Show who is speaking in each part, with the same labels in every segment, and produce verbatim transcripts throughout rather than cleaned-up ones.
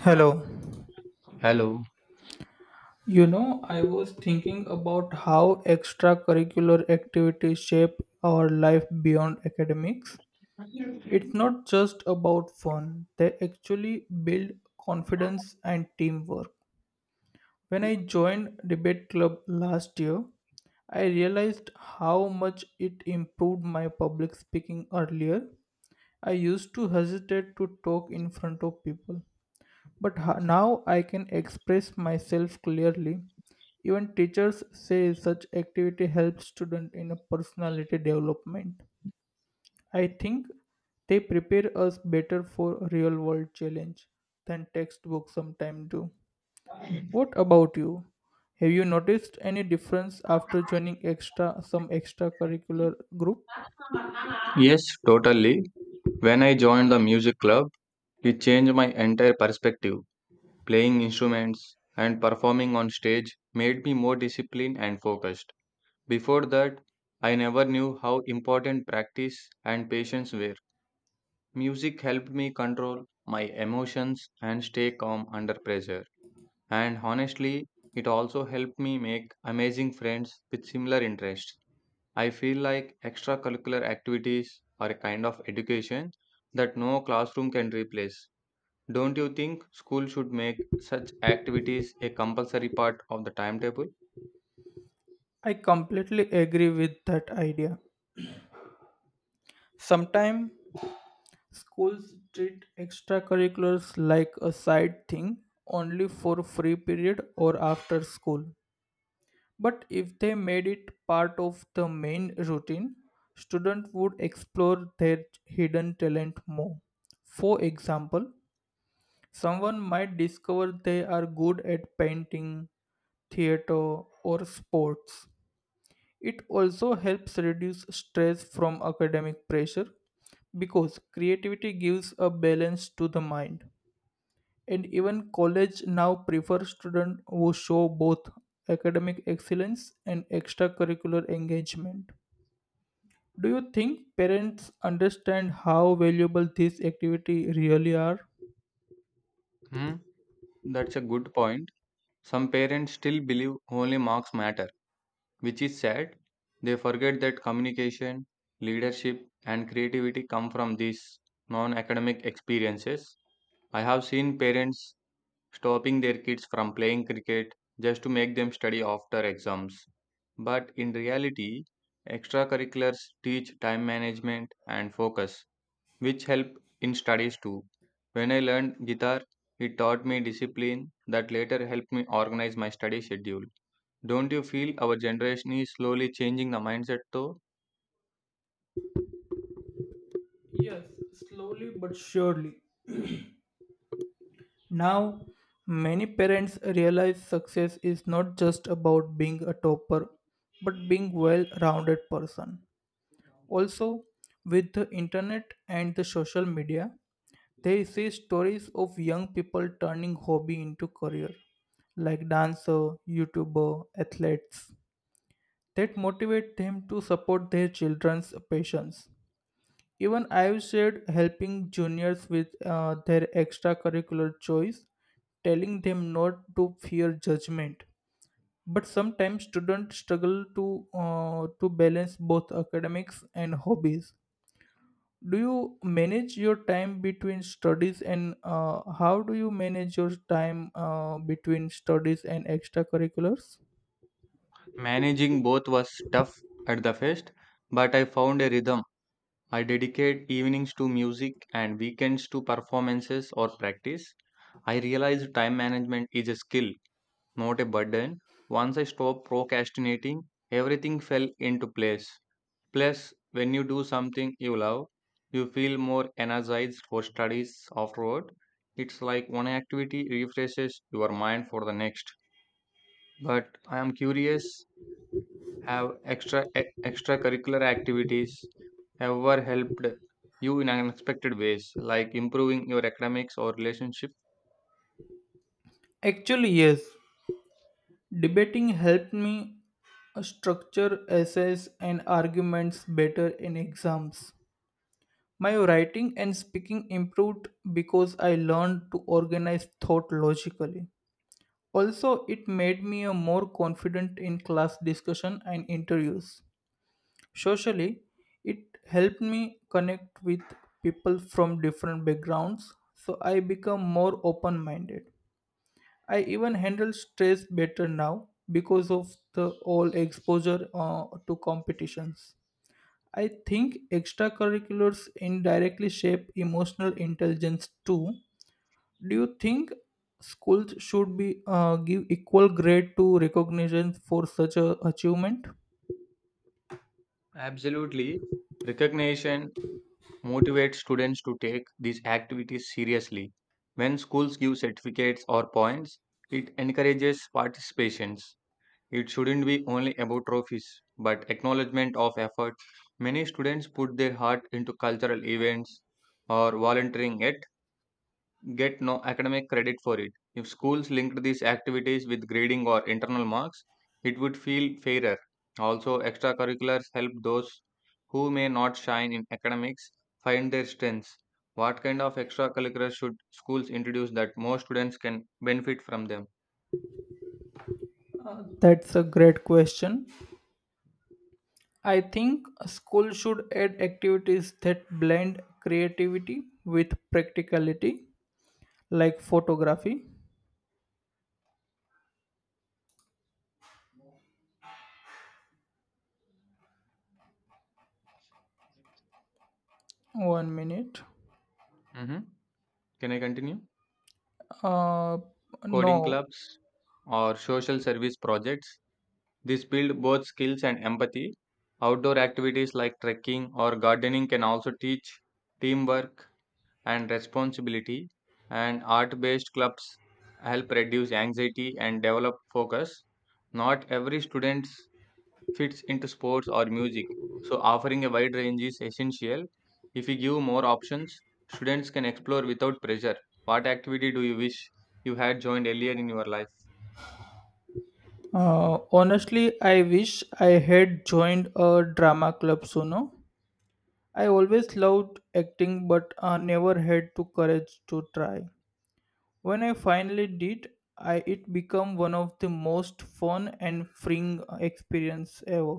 Speaker 1: Hello.
Speaker 2: Hello.
Speaker 1: You know, I was thinking about how extracurricular activities shape our life beyond academics. It's not just about fun, they actually build confidence and teamwork. When I joined debate club last year, I realized how much it improved my public speaking earlier. I used to hesitate to talk in front of people, but ho- now I can express myself clearly. Even teachers say such activity helps student in a personality development. I think they prepare us better for real world challenge than textbooks sometimes do. What about you? Have you noticed any difference after joining extra some extracurricular group?
Speaker 2: Yes, totally. When I joined the music club, it changed my entire perspective. Playing instruments and performing on stage made me more disciplined and focused. Before that, I never knew how important practice and patience were. Music helped me control my emotions and stay calm under pressure. And honestly, it also helped me make amazing friends with similar interests. I feel like extracurricular activities are a kind of education that no classroom can replace. Don't you think school should make such activities a compulsory part of the timetable?
Speaker 1: I completely agree with that idea. Sometimes schools treat extracurriculars like a side thing only for free period or after school. But if they made it part of the main routine, students would explore their hidden talent more. For example, someone might discover they are good at painting, theater, or sports. It also helps reduce stress from academic pressure because creativity gives a balance to the mind. And even college now prefer students who show both academic excellence and extracurricular engagement. Do you think parents understand how valuable these activities really are?
Speaker 2: Hmm? That's a good point. Some parents still believe only marks matter, which is sad. They forget that communication, leadership, and creativity come from these non academic experiences. I have seen parents stopping their kids from playing cricket just to make them study after exams. But in reality, extracurriculars teach time management and focus, which help in studies too. When I learned guitar, it taught me discipline that later helped me organize my study schedule. Don't you feel our generation is slowly changing the mindset though?
Speaker 1: Yes, slowly but surely. Now, many parents realize success is not just about being a topper, but being well-rounded person. Also, with the internet and the social media, they see stories of young people turning hobby into career, like dancer, YouTuber, athletes, that motivate them to support their children's passions. Even I've said helping juniors with uh, their extracurricular choice, telling them not to fear judgment. But sometimes students struggle to uh, to balance both academics and hobbies. Do you manage your time between studies and uh, How do you manage your time uh, between studies and extracurriculars?
Speaker 2: Managing both was tough at the first, but I found a rhythm. I dedicate evenings to music and weekends to performances or practice. I realize time management is a skill, not a burden. Once I stopped procrastinating, everything fell into place. Plus, when you do something you love, you feel more energized for studies afterward. It's like one activity refreshes your mind for the next. But I am curious, have extra e- extracurricular activities ever helped you in unexpected ways, like improving your academics or relationship?
Speaker 1: Actually, yes. Debating helped me structure essays and arguments better in exams. My writing and speaking improved because I learned to organize thought logically. Also, it made me a more confident in class discussion and interviews. Socially, it helped me connect with people from different backgrounds, so I become more open-minded. I even handle stress better now because of the all exposure uh, to competitions. I think extracurriculars indirectly shape emotional intelligence too. Do you think schools should be uh, give equal grade to recognition for such a achievement?
Speaker 2: Absolutely. Recognition motivates students to take these activities seriously. When schools give certificates or points, it encourages participations. It shouldn't be only about trophies, but acknowledgement of effort. Many students put their heart into cultural events or volunteering at get no academic credit for it. If schools linked these activities with grading or internal marks, it would feel fairer. Also, extracurriculars help those who may not shine in academics find their strengths. What kind of extracurriculars should schools introduce that more students can benefit from them?
Speaker 1: Uh, that's a great question. I think schools should add activities that blend creativity with practicality, like photography. One minute.
Speaker 2: Mhm. Can I continue?
Speaker 1: Uh,
Speaker 2: Coding
Speaker 1: no.
Speaker 2: clubs or social service projects. This build both skills and empathy. Outdoor activities like trekking or gardening can also teach teamwork and responsibility, and art based clubs help reduce anxiety and develop focus. Not every student fits into sports or music, so offering a wide range is essential. If we give more options, students can explore without pressure. What activity do you wish you had joined earlier in your life?
Speaker 1: Uh, honestly, I wish I had joined a drama club sooner. I always loved acting, but uh, never had the courage to try. When I finally did, I it became one of the most fun and freeing experience ever.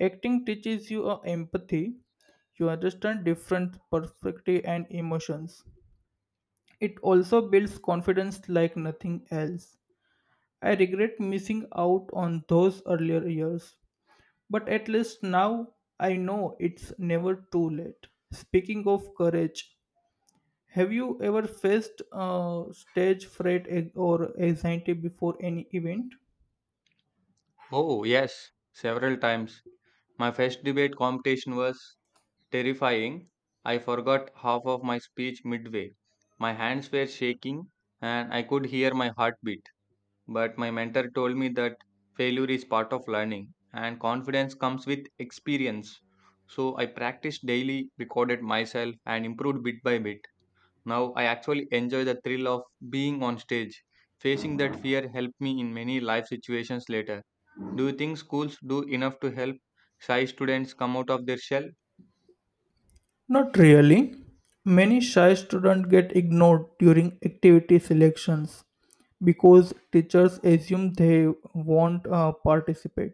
Speaker 1: Acting teaches you uh, empathy. You understand different perspective and emotions. It also builds confidence like nothing else. I regret missing out on those earlier years, but at least now I know it's never too late. Speaking of courage, have you ever faced uh, stage fright a- or anxiety before any event?
Speaker 2: Oh, yes, several times. My first debate competition was terrifying. I forgot half of my speech midway. My hands were shaking and I could hear my heartbeat. But my mentor told me that failure is part of learning and confidence comes with experience. So I practiced daily, recorded myself, and improved bit by bit. Now I actually enjoy the thrill of being on stage. Facing that fear helped me in many life situations later. Do you think schools do enough to help shy students come out of their shell?
Speaker 1: Not really. Many shy students get ignored during activity selections because teachers assume they won't uh, participate.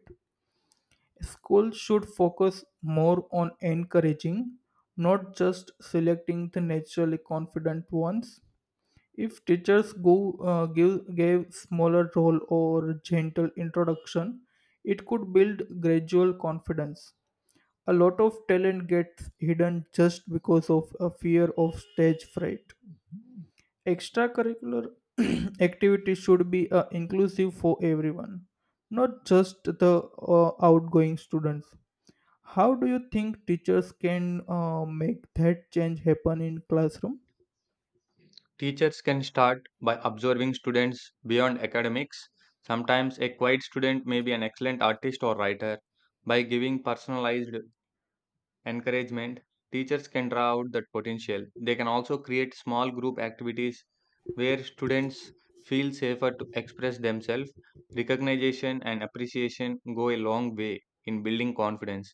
Speaker 1: Schools should focus more on encouraging, not just selecting the naturally confident ones. If teachers go, uh, give, gave smaller role or gentle introduction, it could build gradual confidence. A lot of talent gets hidden just because of a fear of stage fright. Extracurricular activities should be uh, inclusive for everyone, not just the uh, outgoing students. How do you think teachers can uh, make that change happen in classroom?
Speaker 2: Teachers can start by observing students beyond academics. Sometimes a quiet student may be an excellent artist or writer. By giving personalized encouragement, teachers can draw out that potential. They can also create small group activities where students feel safer to express themselves. Recognition and appreciation go a long way in building confidence.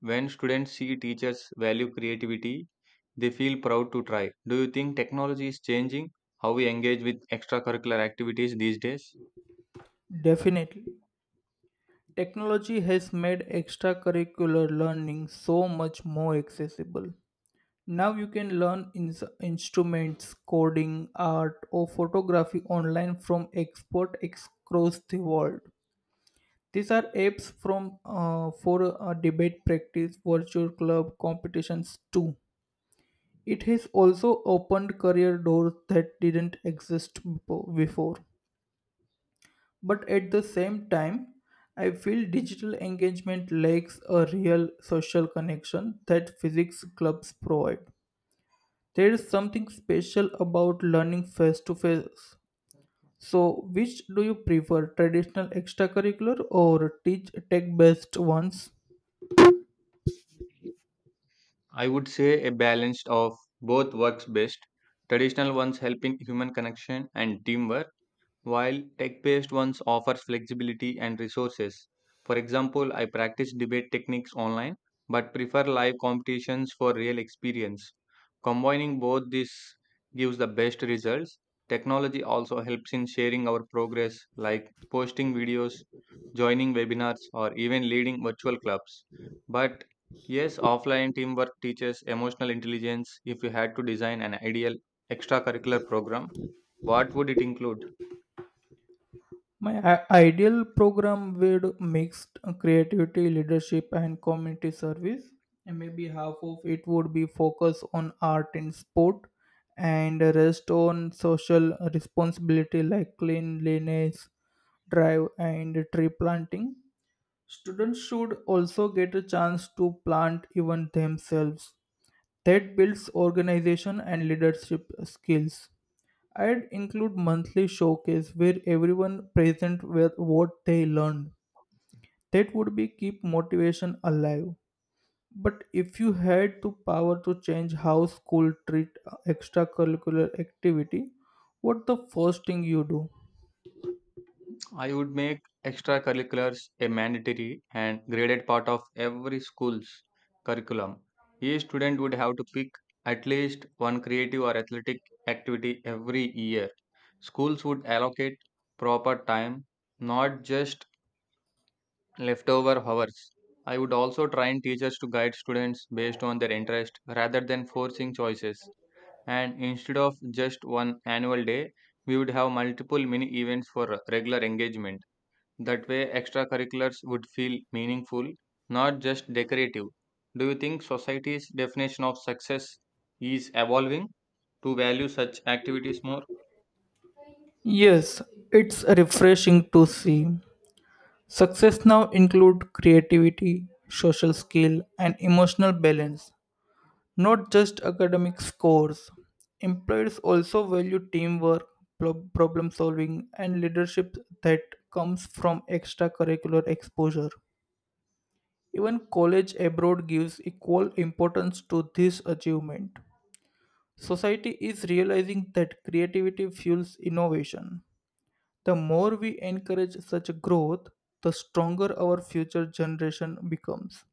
Speaker 2: When students see teachers value creativity, they feel proud to try. Do you think technology is changing how we engage with extracurricular activities these days?
Speaker 1: Definitely. Technology has made extracurricular learning so much more accessible. Now you can learn ins- instruments, coding, art, or photography online from experts across the world. These are apps from uh, for uh, debate practice, virtual club competitions too. It has also opened career doors that didn't exist bepo- before. But at the same time, I feel digital engagement lacks a real social connection that physics clubs provide. There is something special about learning face to face. So, which do you prefer, traditional extracurricular or teach tech based ones?
Speaker 2: I would say a balance of both works best. Traditional ones helping human connection and teamwork, while tech based ones offers flexibility and resources. For example, I practice debate techniques online but prefer live competitions for real experience. Combining both these gives the best results. Technology also helps in sharing our progress, like posting videos, joining webinars, or even leading virtual clubs. But yes, offline teamwork teaches emotional intelligence. If you had to design an ideal extracurricular program, what would it include?
Speaker 1: My i- ideal program would mix creativity, leadership, and community service. And maybe half of it would be focused on art and sport, and the rest on social responsibility like cleanliness, drive, and tree planting. Students should also get a chance to plant even themselves. That builds organization and leadership skills. I'd include monthly showcase where everyone present with what they learned. That would be keep motivation alive. But if you had the power to change how school treat extracurricular activity, what the first thing you do?
Speaker 2: I would make extracurriculars a mandatory and graded part of every school's curriculum. Each student would have to pick at least one creative or athletic activity every year. Schools would allocate proper time, not just leftover hours. I would also train teachers to guide students based on their interest rather than forcing choices. And instead of just one annual day, we would have multiple mini events for regular engagement. That way, extracurriculars would feel meaningful, not just decorative. Do you think society's definition of success is evolving to value such activities more?
Speaker 1: Yes, it's refreshing to see. Success now include creativity, social skill and emotional balance. Not just academic scores, employers also value teamwork, pro- problem solving, and leadership that comes from extracurricular exposure. Even college abroad gives equal importance to this achievement. Society is realizing that creativity fuels innovation. The more we encourage such growth, the stronger our future generation becomes.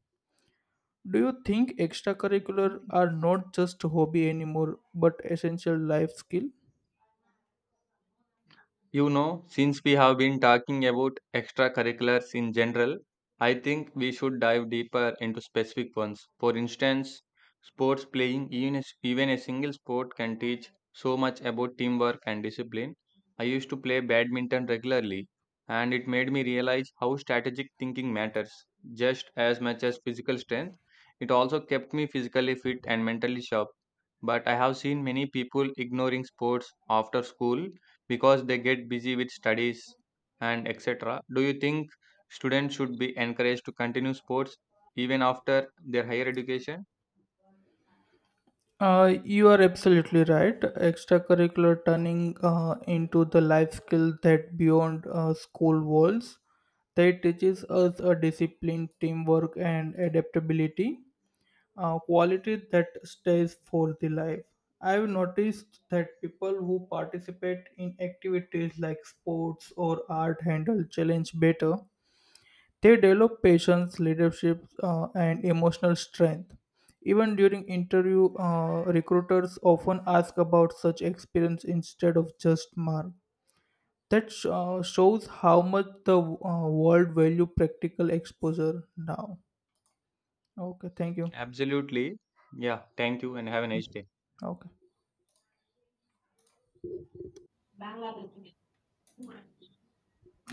Speaker 1: Do you think extracurricular are not just hobby anymore but essential life skill?
Speaker 2: You know, since we have been talking about extracurriculars in general, I think we should dive deeper into specific ones. For instance, sports playing, even a, s- even a single sport can teach so much about teamwork and discipline. I used to play badminton regularly, and it made me realize how strategic thinking matters just as much as physical strength. It also kept me physically fit and mentally sharp. But I have seen many people ignoring sports after school because they get busy with studies and et cetera. Do you think students should be encouraged to continue sports even after their higher education?
Speaker 1: Uh, you are absolutely right. Extracurricular turning uh, into the life skill that beyond uh, school walls. That teaches us a discipline, teamwork, and adaptability, a quality that stays for the life. I've noticed that people who participate in activities like sports or art handle challenge better. They develop patience, leadership, uh, and emotional strength. Even during interview, uh, recruiters often ask about such experience instead of just mark. That sh- uh, shows how much the uh, world value practical exposure now. Okay, thank you.
Speaker 2: Absolutely. Yeah, thank you and have a nice day.
Speaker 1: Okay.